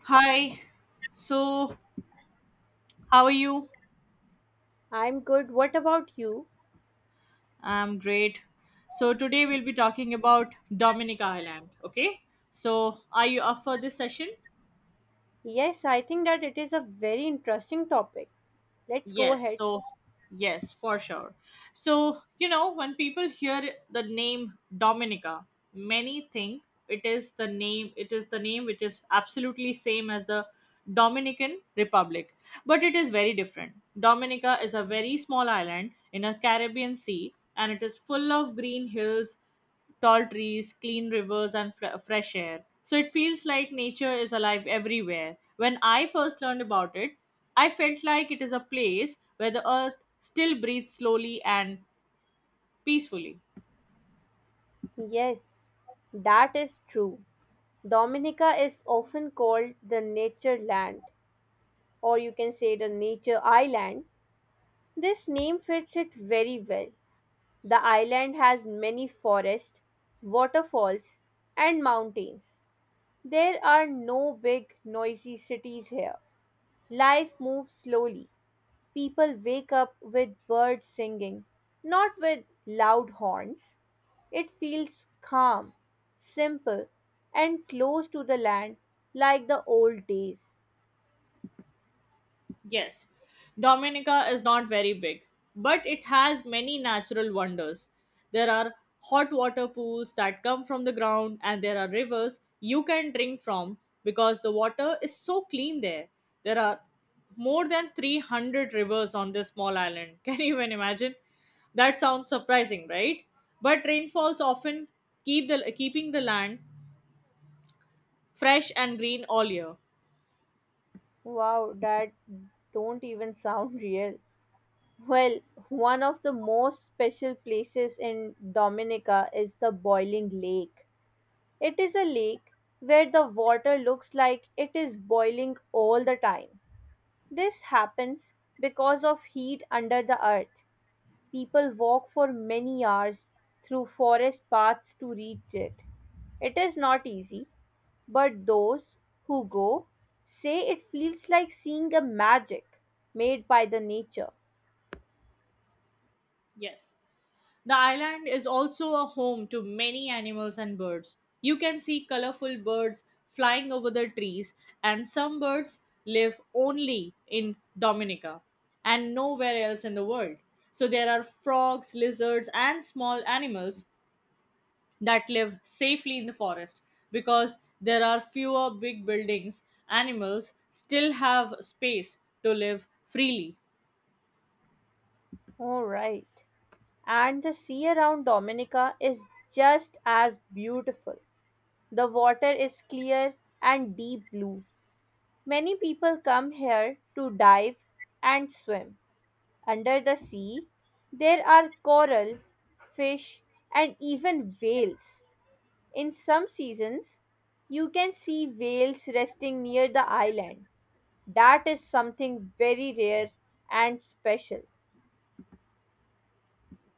Hi, so how are you? I'm good. What about you? I'm great. So today we'll be talking about Dominic Island, okay? So are you up for this session? Yes, I think that it is a very interesting topic. Let's go Yes, ahead. so yes, for sure. So, you know, when people hear the name Dominica, many think it is the name which is absolutely same as the Dominican Republic, but it is very different. Dominica is a very small island in a Caribbean sea and it is full of green hills, tall trees, clean rivers, and fresh air. So it feels like nature is alive everywhere. When I first learned about it, I felt like it is a place where the earth still breathes slowly and peacefully. Yes, that is true. Dominica is often called the nature land, or you can say the nature island. This name fits it very well. The island has many forests, waterfalls, and mountains. There are no big, noisy cities here. Life moves slowly. People wake up with birds singing, not with loud horns. It feels calm, simple, and close to the land like the old days. Yes, Dominica is not very big, but it has many natural wonders. There are hot water pools that come from the ground, and there are rivers you can drink from because the water is so clean there. There are more than 300 rivers on this small island. Can you even imagine? That sounds surprising, right? But rainfalls often keeping the land fresh and green all year. Wow, that don't even sound real. Well, one of the most special places in Dominica is the Boiling Lake. It is a lake where the water looks like it is boiling all the time. This happens because of heat under the earth. People walk for many hours through forest paths to reach it. It is not easy, but those who go say it feels like seeing a magic made by the nature. Yes. The island is also a home to many animals and birds. You can see colorful birds flying over the trees, and some birds live only in Dominica and nowhere else in the world. So there are frogs, lizards, and small animals that live safely in the forest because there are fewer big buildings. Animals still have space to live freely. All right. And the sea around Dominica is just as beautiful. The water is clear and deep blue. Many people come here to dive and swim. Under the sea, there are coral, fish, and even whales. In some seasons, you can see whales resting near the island. That is something very rare and special.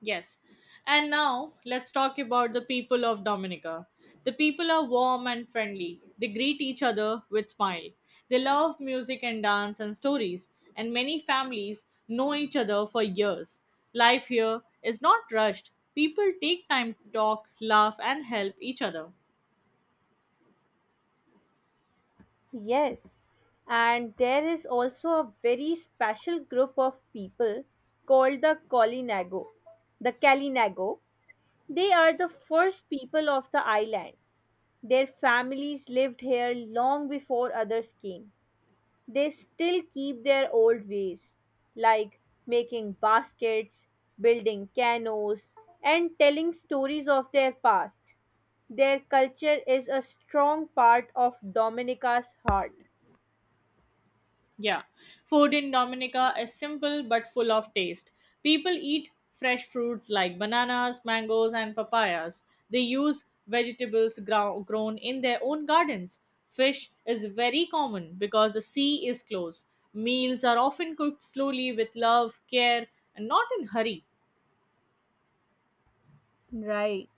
Yes. And now let's talk about the people of Dominica. The people are warm and friendly. They greet each other with smile. They love music and dance and stories, and many families know each other for years. Life here is not rushed. People take time to talk, laugh, and help each other. Yes, and there is also a very special group of people called the Colinago. The Kalinago. They are the first people of the island. Their families lived here long before others came. They still keep their old ways, like making baskets, building canoes, and telling stories of their past. Their culture is a strong part of Dominica's heart. Yeah, food in Dominica is simple but full of taste. People eat fresh fruits like bananas, mangoes, and papayas. They use vegetables grown in their own gardens. Fish is very common because the sea is close. Meals are often cooked slowly with love, care, and not in hurry. Right.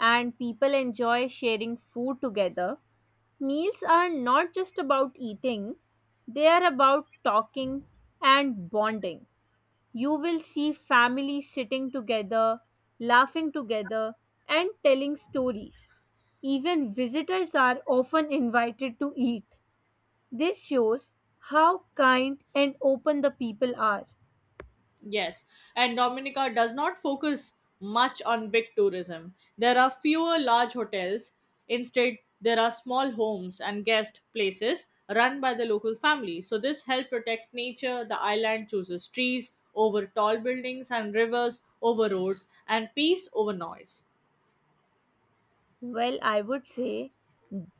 And people enjoy sharing food together. Meals are not just about eating, they are about talking and bonding. You will see families sitting together, laughing together, and telling stories. Even visitors are often invited to eat. This shows how kind and open the people are. Yes, and Dominica does not focus much on big tourism. There are fewer large hotels. Instead, there are small homes and guest places run by the local family. So, this help protects nature. The island chooses trees over tall buildings and rivers over roads and peace over noise. Well, I would say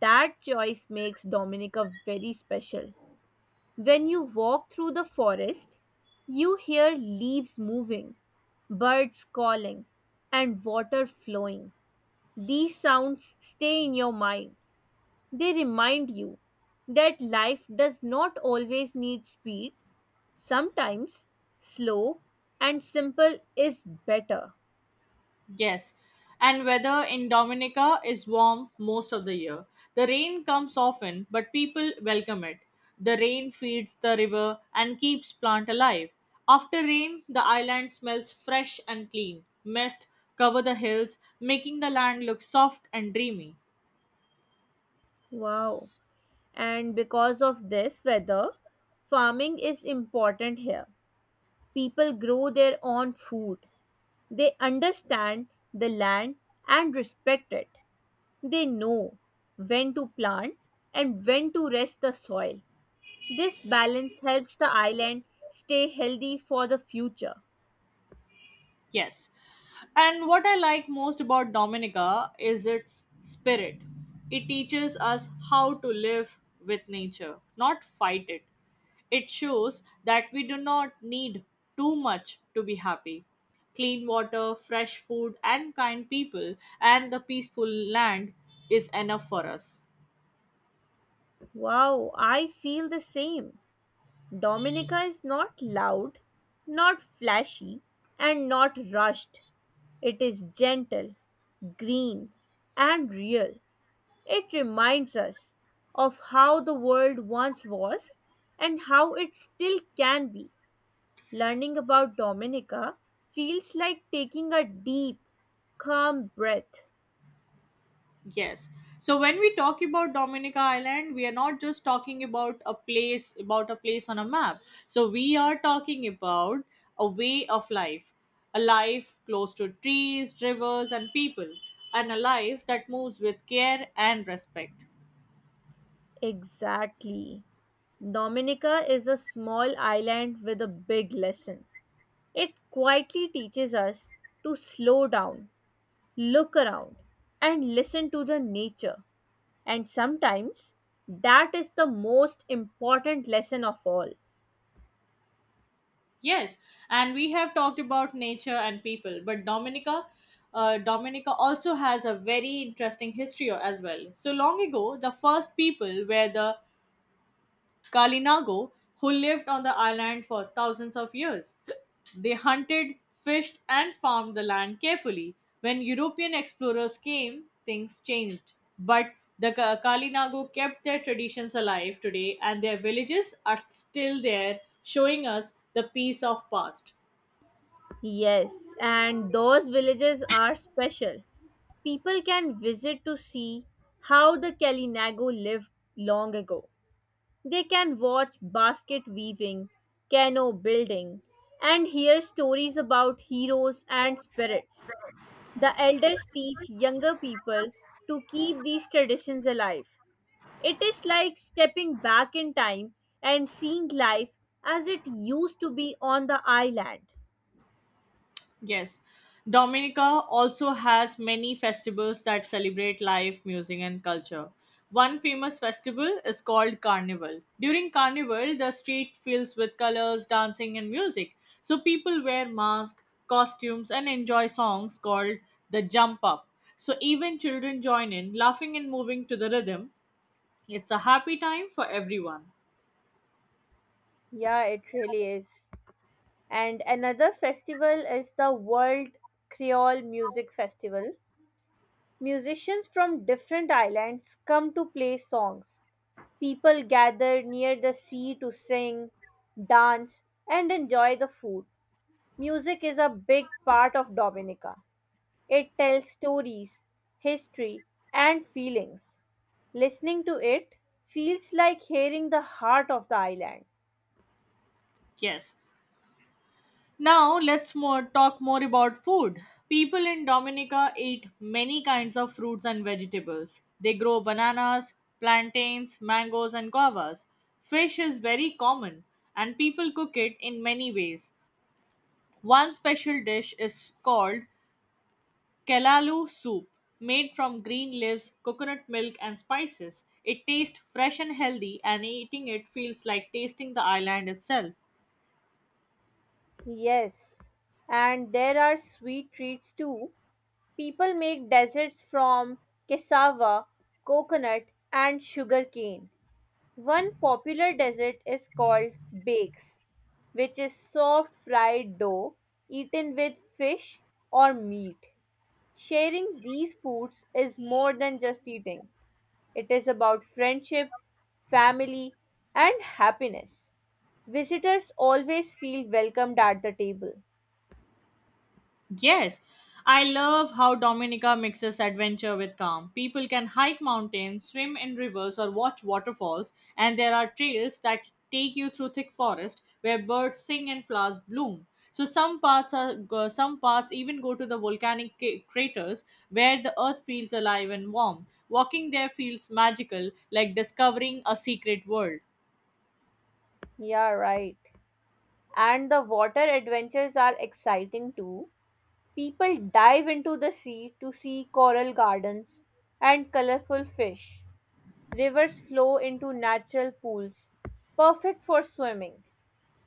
that choice makes Dominica very special. When you walk through the forest, you hear leaves moving, birds calling, and water flowing. These sounds stay in your mind. They remind you that life does not always need speed. Sometimes slow and simple is better. Yes, and weather in Dominica is warm most of the year. The rain comes often, but people welcome it. The rain feeds the river and keeps plant alive. After rain, the island smells fresh and clean. Mist cover the hills, making the land look soft and dreamy. Wow. And because of this weather, farming is important here. People grow their own food. They understand the land and respect it. They know when to plant and when to rest the soil. This balance helps the island stay healthy for the future. Yes. And what I like most about Dominica is its spirit. It teaches us how to live with nature, not fight it. It shows that we do not need too much to be happy. Clean water, fresh food, and kind people, and the peaceful land is enough for us. Wow, I feel the same. Dominica is not loud, not flashy, and not rushed. It is gentle, green, and real. It reminds us of how the world once was and how it still can be. Learning about Dominica feels like taking a deep, calm breath. Yes. So when we talk about Dominica Island, we are not just talking about a place on a map. So we are talking about a way of life, a life close to trees, rivers, and people, and a life that moves with care and respect. Exactly. Dominica is a small island with a big lesson. It quietly teaches us to slow down, look around, and listen to the nature. And sometimes that is the most important lesson of all. Yes, and we have talked about nature and people, but Dominica also has a very interesting history as well. So long ago, the first people were the Kalinago, who lived on the island for thousands of years. They hunted, fished, and farmed the land carefully. When European explorers came, things changed. But the Kalinago kept their traditions alive today, and their villages are still there, showing us the peace of past. Yes, and those villages are special. People can visit to see how the Kalinago lived long ago. They can watch basket weaving, canoe building, and hear stories about heroes and spirits. The elders teach younger people to keep these traditions alive. It is like stepping back in time and seeing life as it used to be on the island. Yes. Dominica also has many festivals that celebrate life, music, and culture. One famous festival is called Carnival. During Carnival, the street fills with colors, dancing, and music. So people wear masks, costumes, and enjoy songs called the Jump Up. So even children join in, laughing and moving to the rhythm. It's a happy time for everyone. Yeah, it really is. And another festival is the World Creole Music Festival. Musicians from different islands come to play songs. People gather near the sea to sing, dance, and enjoy the food. Music is a big part of Dominica. It tells stories, history, and feelings. Listening to it feels like hearing the heart of the island. Yes. Now let's more talk more about food. People in Dominica eat many kinds of fruits and vegetables. They grow bananas, plantains, mangoes and guavas. Fish is very common and people cook it in many ways. One special dish is called kelalu soup, made from green leaves, coconut milk and spices. It tastes fresh and healthy and eating it feels like tasting the island itself. Yes, and there are sweet treats too. People make desserts from cassava, coconut, and sugarcane. One popular dessert is called bakes, which is soft fried dough eaten with fish or meat. Sharing these foods is more than just eating, it is about friendship, family, and happiness. Visitors always feel welcomed at the table. Yes, I love how Dominica mixes adventure with calm. People can hike mountains, swim in rivers, or watch waterfalls, and there are trails that take you through thick forest where birds sing and flowers bloom. So some parts even go to the volcanic craters where the earth feels alive and warm. Walking there feels magical, like discovering a secret world. Yeah, right. And the water adventures are exciting too. People dive into the sea to see coral gardens and colorful fish. Rivers flow into natural pools, perfect for swimming.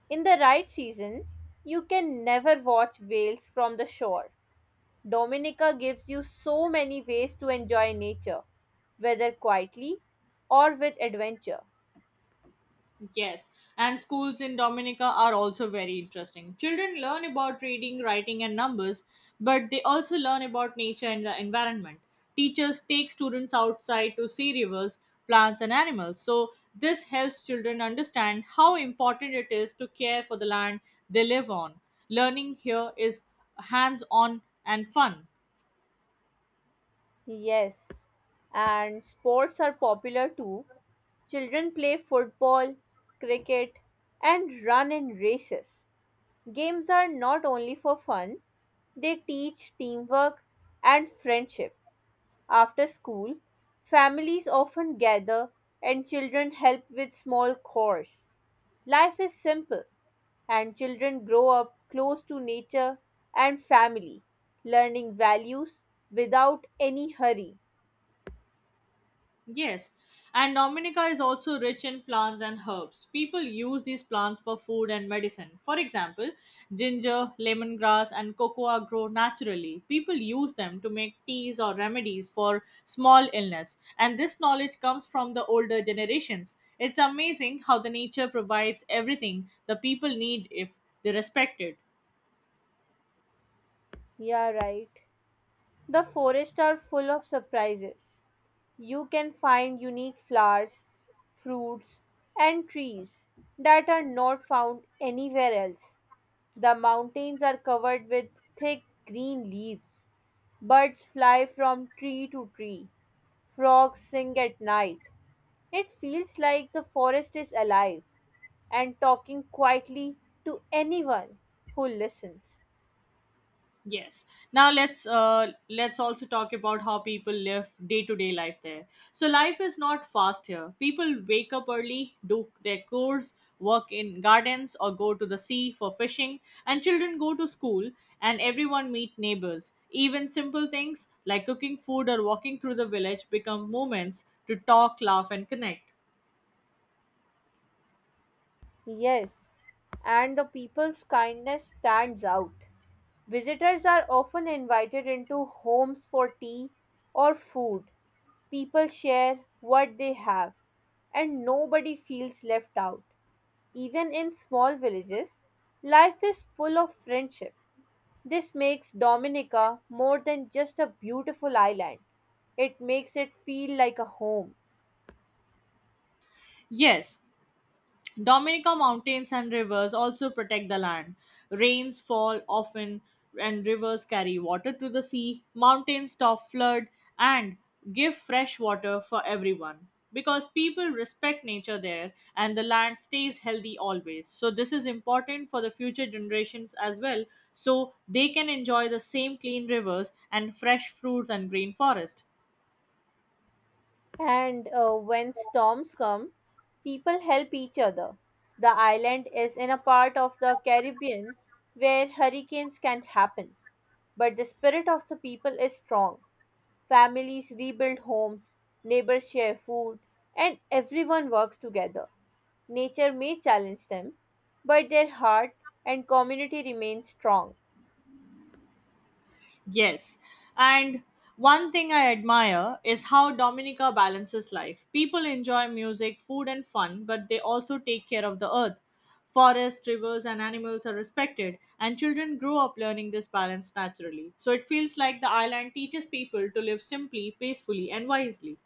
In the right season, you can never watch whales from the shore. Dominica gives you so many ways to enjoy nature, whether quietly or with adventure. Yes, and schools in Dominica are also very interesting. Children learn about reading, writing, and numbers, but they also learn about nature and the environment. Teachers take students outside to see rivers, plants, and animals. So, this helps children understand how important it is to care for the land they live on. Learning here is hands on and fun. Yes, and sports are popular too. Children play football, cricket, and run in races. Games are not only for fun, they teach teamwork and friendship. After school, families often gather and children help with small chores. Life is simple and children grow up close to nature and family, learning values without any hurry. Yes, and Dominica is also rich in plants and herbs. People use these plants for food and medicine. For example, ginger, lemongrass, and cocoa grow naturally. People use them to make teas or remedies for small illness, and this knowledge comes from the older generations. It's amazing how the nature provides everything the people need if they respect it. Yeah, right. The forests are full of surprises. You can find unique flowers, fruits, and trees that are not found anywhere else. The mountains are covered with thick green leaves. Birds fly from tree to tree. Frogs sing at night. It feels like the forest is alive and talking quietly to anyone who listens. Yes. Now let's also talk about how people live day to day life there. So life is not fast here. People wake up early, do their chores, work in gardens, or go to the sea for fishing. And children go to school, and everyone meet neighbors. Even simple things like cooking food or walking through the village become moments to talk, laugh, and connect. Yes, and the people's kindness stands out. Visitors are often invited into homes for tea or food. People share what they have, and nobody feels left out. Even in small villages, life is full of friendship. This makes Dominica more than just a beautiful island. It makes it feel like a home. Yes, Dominica mountains and rivers also protect the land. Rains fall often and rivers carry water to the sea. Mountains stop flood and give fresh water for everyone. Because people respect nature there and the land stays healthy always. So this is important for the future generations as well so they can enjoy the same clean rivers and fresh fruits and green forest. And when storms come, people help each other. The island is in a part of the Caribbean where hurricanes can happen, but the spirit of the people is strong. Families rebuild homes, neighbors share food, and everyone works together. Nature may challenge them, but their heart and community remain strong. Yes. And one thing I admire is how Dominica balances life. People enjoy music, food, and fun, but they also take care of the earth. Forests, rivers, and animals are respected, and children grow up learning this balance naturally. So it feels like the island teaches people to live simply, peacefully, and wisely.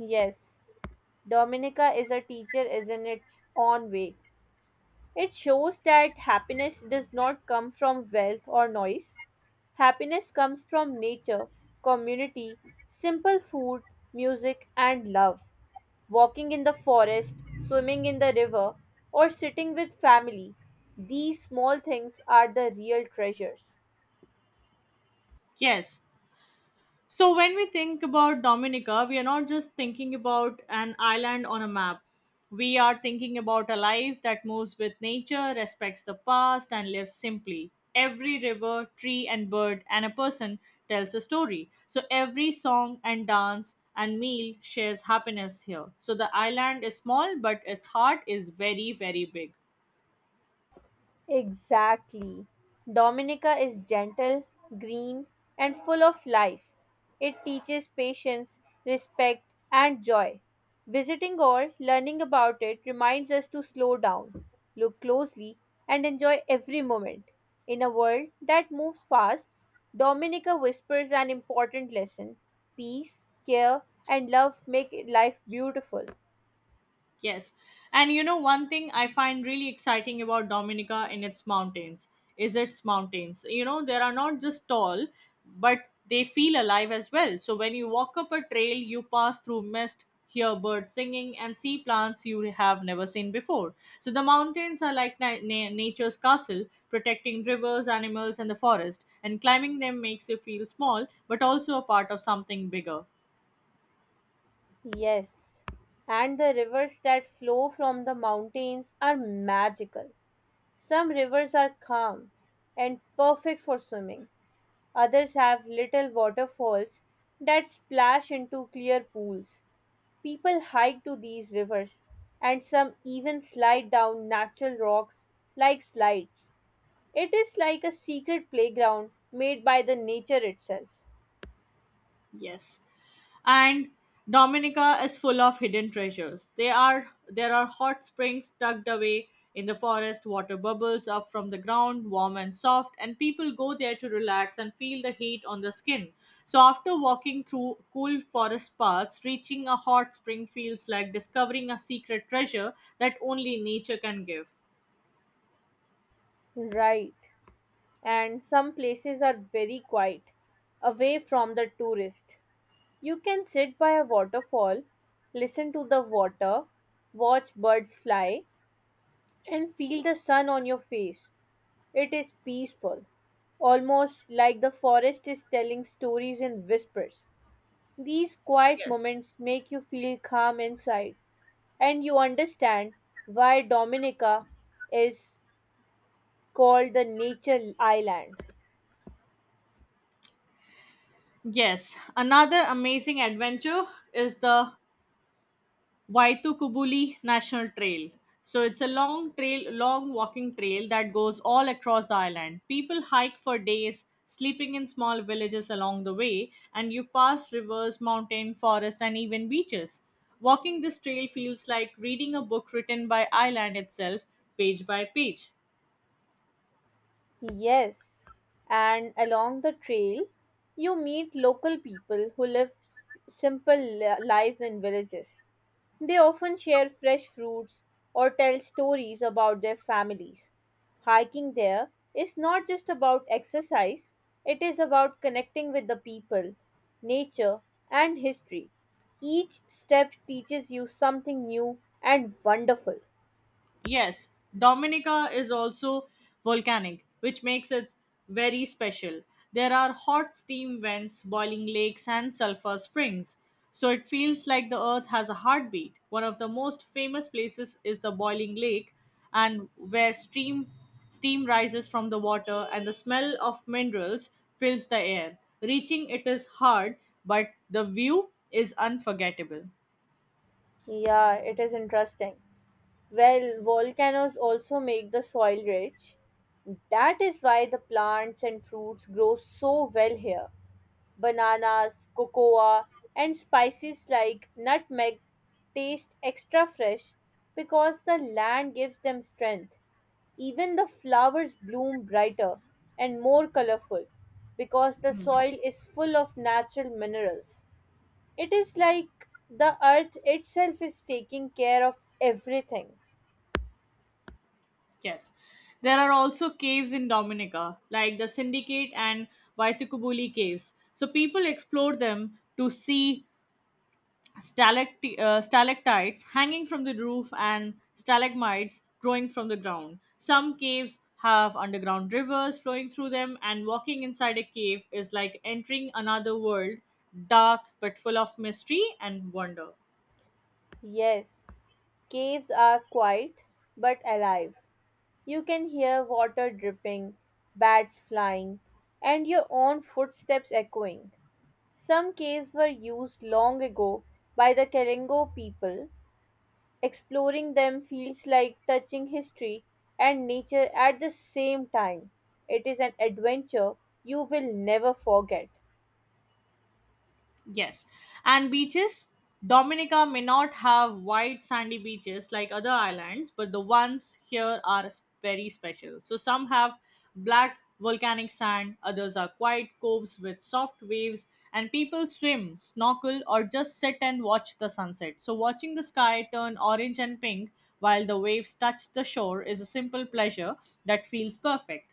Yes, Dominica is a teacher is in its own way. It shows that happiness does not come from wealth or noise. Happiness comes from nature, community, simple food, music, and love. Walking in the forest, swimming in the river, or sitting with family. These small things are the real treasures. Yes. So, when we think about Dominica, we are not just thinking about an island on a map. We are thinking about a life that moves with nature, respects the past, and lives simply. Every river, tree, and bird, and a person tells a story. So, every song and dance and meal shares happiness here. So, the island is small, but its heart is very, very big. Exactly. Dominica is gentle, green, and full of life. It teaches patience, respect, and joy. Visiting or learning about it reminds us to slow down, look closely, and enjoy every moment. In a world that moves fast, Dominica whispers an important lesson peace, care, and love make life beautiful. Yes. And you know, one thing I find really exciting about Dominica in its mountains is its mountains. You know, they are not just tall, but they feel alive as well. So when you walk up a trail, you pass through mist, hear birds singing, and see plants you have never seen before. So the mountains are like nature's castle, protecting rivers, animals, and the forest. And climbing them makes you feel small, but also a part of something bigger. Yes, and the rivers that flow from the mountains are magical. Some rivers are calm and perfect for swimming, others have little waterfalls that splash into clear pools. People hike to these rivers, and some even slide down natural rocks like slides. It is like a secret playground made by the nature itself. Yes. And Dominica is full of hidden treasures. They are There are hot springs tucked away in the forest, water bubbles up from the ground, warm and soft, and people go there to relax and feel the heat on the skin. So after walking through cool forest paths, reaching a hot spring feels like discovering a secret treasure that only nature can give. Right, and some places are very quiet, away from the tourist. You can sit by a waterfall, listen to the water, watch birds fly, and feel the sun on your face. It is peaceful, almost like the forest is telling stories in whispers. These quiet Yes. moments make you feel calm inside, and you understand why Dominica is called the nature island. Yes, another amazing adventure is the Waitukubuli National Trail. So it's a long walking trail that goes all across the island. People hike for days, sleeping in small villages along the way, and you pass rivers, mountain, forest, and even beaches. Walking this trail feels like reading a book written by island itself, page by page. Yes, and along the trail, you meet local people who live simple lives in villages. They often share fresh fruits or tell stories about their families. Hiking there is not just about exercise, it is about connecting with the people, nature, and history. Each step teaches you something new and wonderful. Yes, Dominica is also volcanic, which makes it very special. There are hot steam vents, boiling lakes, and sulfur springs. So it feels like the earth has a heartbeat. One of the most famous places is the boiling lake, and where steam rises from the water and the smell of minerals fills the air. Reaching it is hard, but the view is unforgettable. Yeah, it is interesting. Well, volcanoes also make the soil rich. That is why the plants and fruits grow so well here. Bananas, cocoa, and spices like nutmeg taste extra fresh because the land gives them strength. Even the flowers bloom brighter and more colorful because the soil is full of natural minerals. It is like the earth itself is taking care of everything. Yes. There are also caves in Dominica, like the Syndicate and Vaitukubuli caves. So people explore them to see stalactites hanging from the roof and stalagmites growing from the ground. Some caves have underground rivers flowing through them, and walking inside a cave is like entering another world, dark but full of mystery and wonder. Yes, caves are quiet but alive. You can hear water dripping, bats flying, and your own footsteps echoing. Some caves were used long ago by the Kalengo people. Exploring them feels like touching history and nature at the same time. It is an adventure you will never forget. Yes. And beaches, Dominica may not have wide sandy beaches like other islands, but the ones here are very special. So some have black volcanic sand, others are quiet coves with soft waves, and people swim, snorkel, or just sit and watch the sunset. So watching the sky turn orange and pink while the waves touch the shore is a simple pleasure that feels perfect.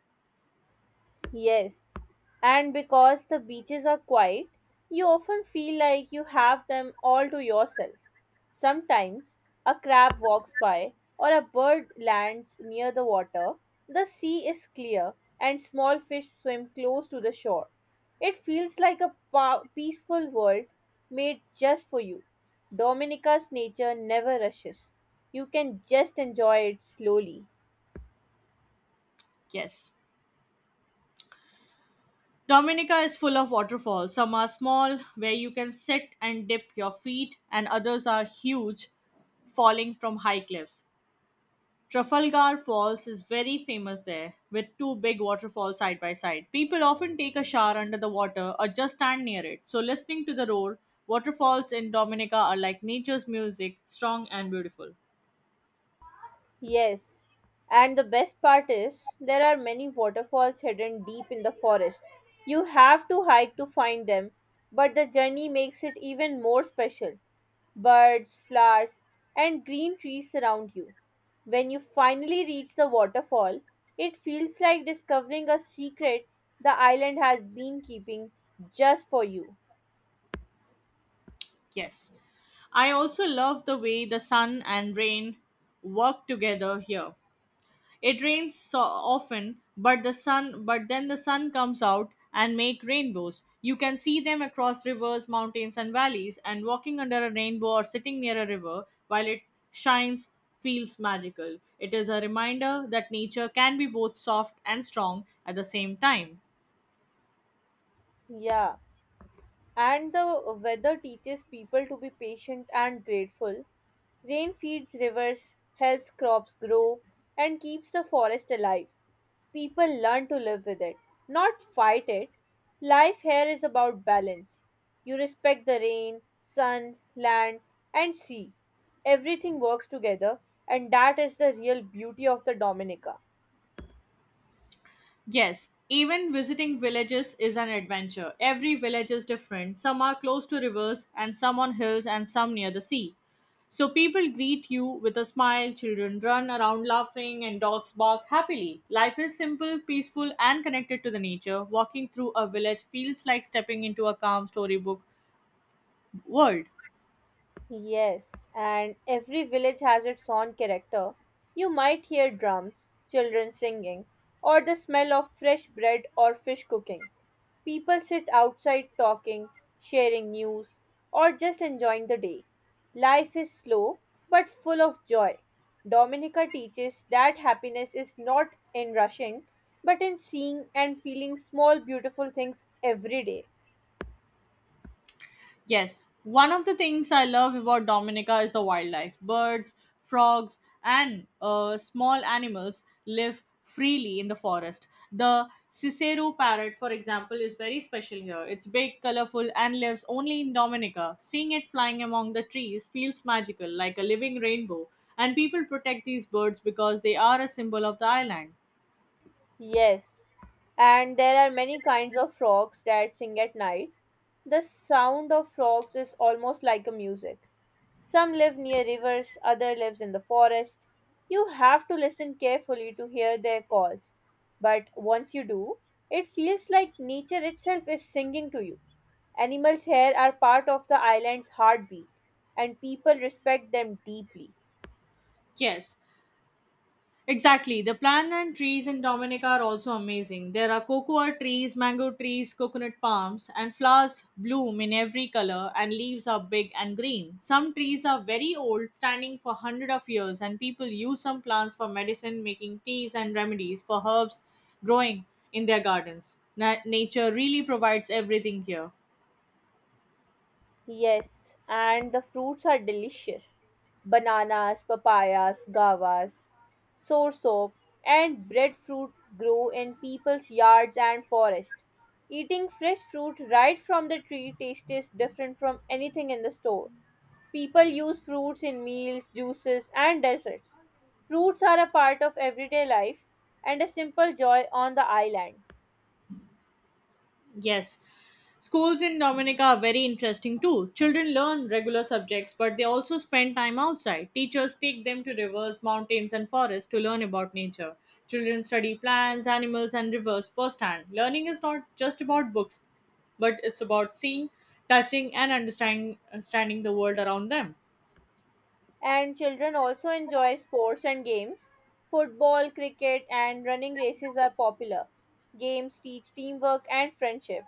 Yes, and because the beaches are quiet, you often feel like you have them all to yourself. Sometimes a crab walks by or a bird lands near the water. The sea is clear and small fish swim close to the shore. It feels like a peaceful world made just for you. Dominica's nature never rushes. You can just enjoy it slowly. Yes. Dominica is full of waterfalls. Some are small, where you can sit and dip your feet, and others are huge, falling from high cliffs. Trafalgar Falls is very famous there, with two big waterfalls side by side. People often take a shower under the water or just stand near it. So, listening to the roar, waterfalls in Dominica are like nature's music, strong and beautiful. Yes, and the best part is there are many waterfalls hidden deep in the forest. You have to hike to find them, but the journey makes it even more special. Birds, flowers, and green trees surround you. When you finally reach the waterfall, it feels like discovering a secret the island has been keeping just for you. Yes. I also love the way the sun and rain work together here. It rains so often, but then the sun comes out and make rainbows. You can see them across rivers, mountains and valleys and walking under a rainbow or sitting near a river while it shines feels magical. It is a reminder that nature can be both soft and strong at the same time. Yeah. And the weather teaches people to be patient and grateful. Rain feeds rivers, helps crops grow, and keeps the forest alive. People learn to live with it, not fight it. Life here is about balance. You respect the rain, sun, land, and sea. Everything works together, and that is the real beauty of the Dominica. Yes, even visiting villages is an adventure. Every village is different. Some are close to rivers, and some on hills, and some near the sea. So people greet you with a smile, children run around laughing, and dogs bark happily. Life is simple, peaceful, and connected to the nature. Walking through a village feels like stepping into a calm storybook world. Yes, and every village has its own character. You might hear drums, children singing, or the smell of fresh bread or fish cooking. People sit outside talking, sharing news, or just enjoying the day. Life is slow but full of joy. Dominica teaches that happiness is not in rushing but in seeing and feeling small, beautiful things every day. Yes, one of the things I love about Dominica is the wildlife. Birds, frogs, and small animals live freely in the forest. The Cicero parrot, for example, is very special here. It's big, colorful, and lives only in Dominica. Seeing it flying among the trees feels magical, like a living rainbow. And people protect these birds because they are a symbol of the island. Yes, and there are many kinds of frogs that sing at night. The sound of frogs is almost like a music. Some live near rivers, other lives in the forest. You have to listen carefully to hear their calls. But once you do, it feels like nature itself is singing to you. Animals here are part of the island's heartbeat, and people respect them deeply. Yes, exactly. The plant and trees in Dominica are also amazing. There are cocoa trees, mango trees, coconut palms, and flowers bloom in every color, and leaves are big and green. Some trees are very old, standing for hundreds of years, and people use some plants for medicine, making teas and remedies for herbs growing in their gardens. Nature really provides everything here. Yes, and the fruits are delicious. Bananas, papayas, guavas, soursop, and breadfruit grow in people's yards and forests. Eating fresh fruit right from the tree tastes different from anything in the store. People use fruits in meals, juices, and desserts. Fruits are a part of everyday life and a simple joy on the island. Yes. Schools in Dominica are very interesting too. Children learn regular subjects, but they also spend time outside. Teachers take them to rivers, mountains, and forests to learn about nature. Children study plants, animals, and rivers firsthand. Learning is not just about books, but it's about seeing, touching, and understanding the world around them. And children also enjoy sports and games. Football, cricket, and running races are popular. Games teach teamwork and friendship.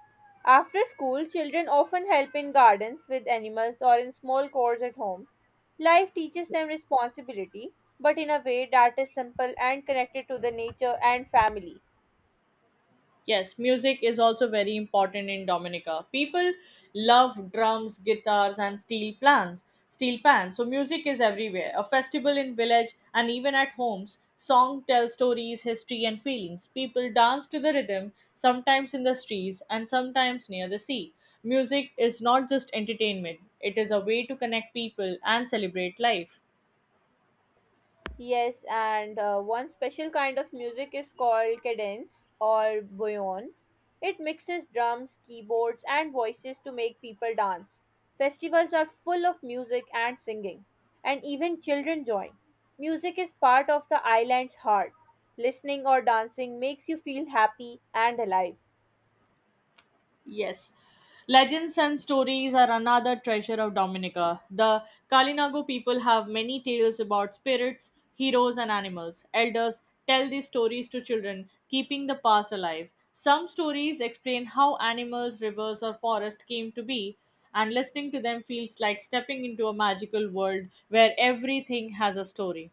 After school, children often help in gardens with animals or in small chores at home. Life teaches them responsibility, but in a way that is simple and connected to the nature and family. Yes, music is also very important in Dominica. People love drums, guitars, and steel pans. So music is everywhere. A festival in village and even at homes, song tells stories, history, and feelings. People dance to the rhythm, sometimes in the streets and sometimes near the sea. Music is not just entertainment; it is a way to connect people and celebrate life. Yes, and one special kind of music is called cadence or bouillon. It mixes drums, keyboards, and voices to make people dance. Festivals are full of music and singing, and even children join. Music is part of the island's heart. Listening or dancing makes you feel happy and alive. Yes. Legends and stories are another treasure of Dominica. The Kalinago people have many tales about spirits, heroes, and animals. Elders tell these stories to children, keeping the past alive. Some stories explain how animals, rivers, or forests came to be, and listening to them feels like stepping into a magical world where everything has a story.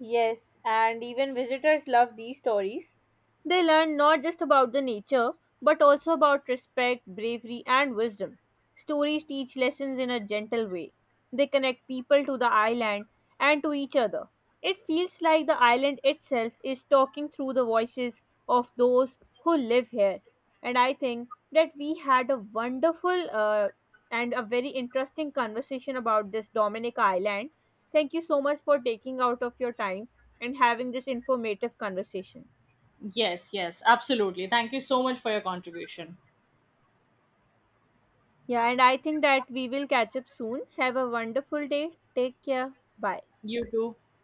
Yes, and even visitors love these stories. They learn not just about the nature, but also about respect, bravery, and wisdom. Stories teach lessons in a gentle way. They connect people to the island and to each other. It feels like the island itself is talking through the voices of those who live here. And I think that we had a wonderful and a very interesting conversation about this Dominic Island. Thank you so much for taking out of your time and having this informative conversation. Yes, yes, absolutely. Thank you so much for your contribution. Yeah, and I think that we will catch up soon. Have a wonderful day. Take care. Bye. You too.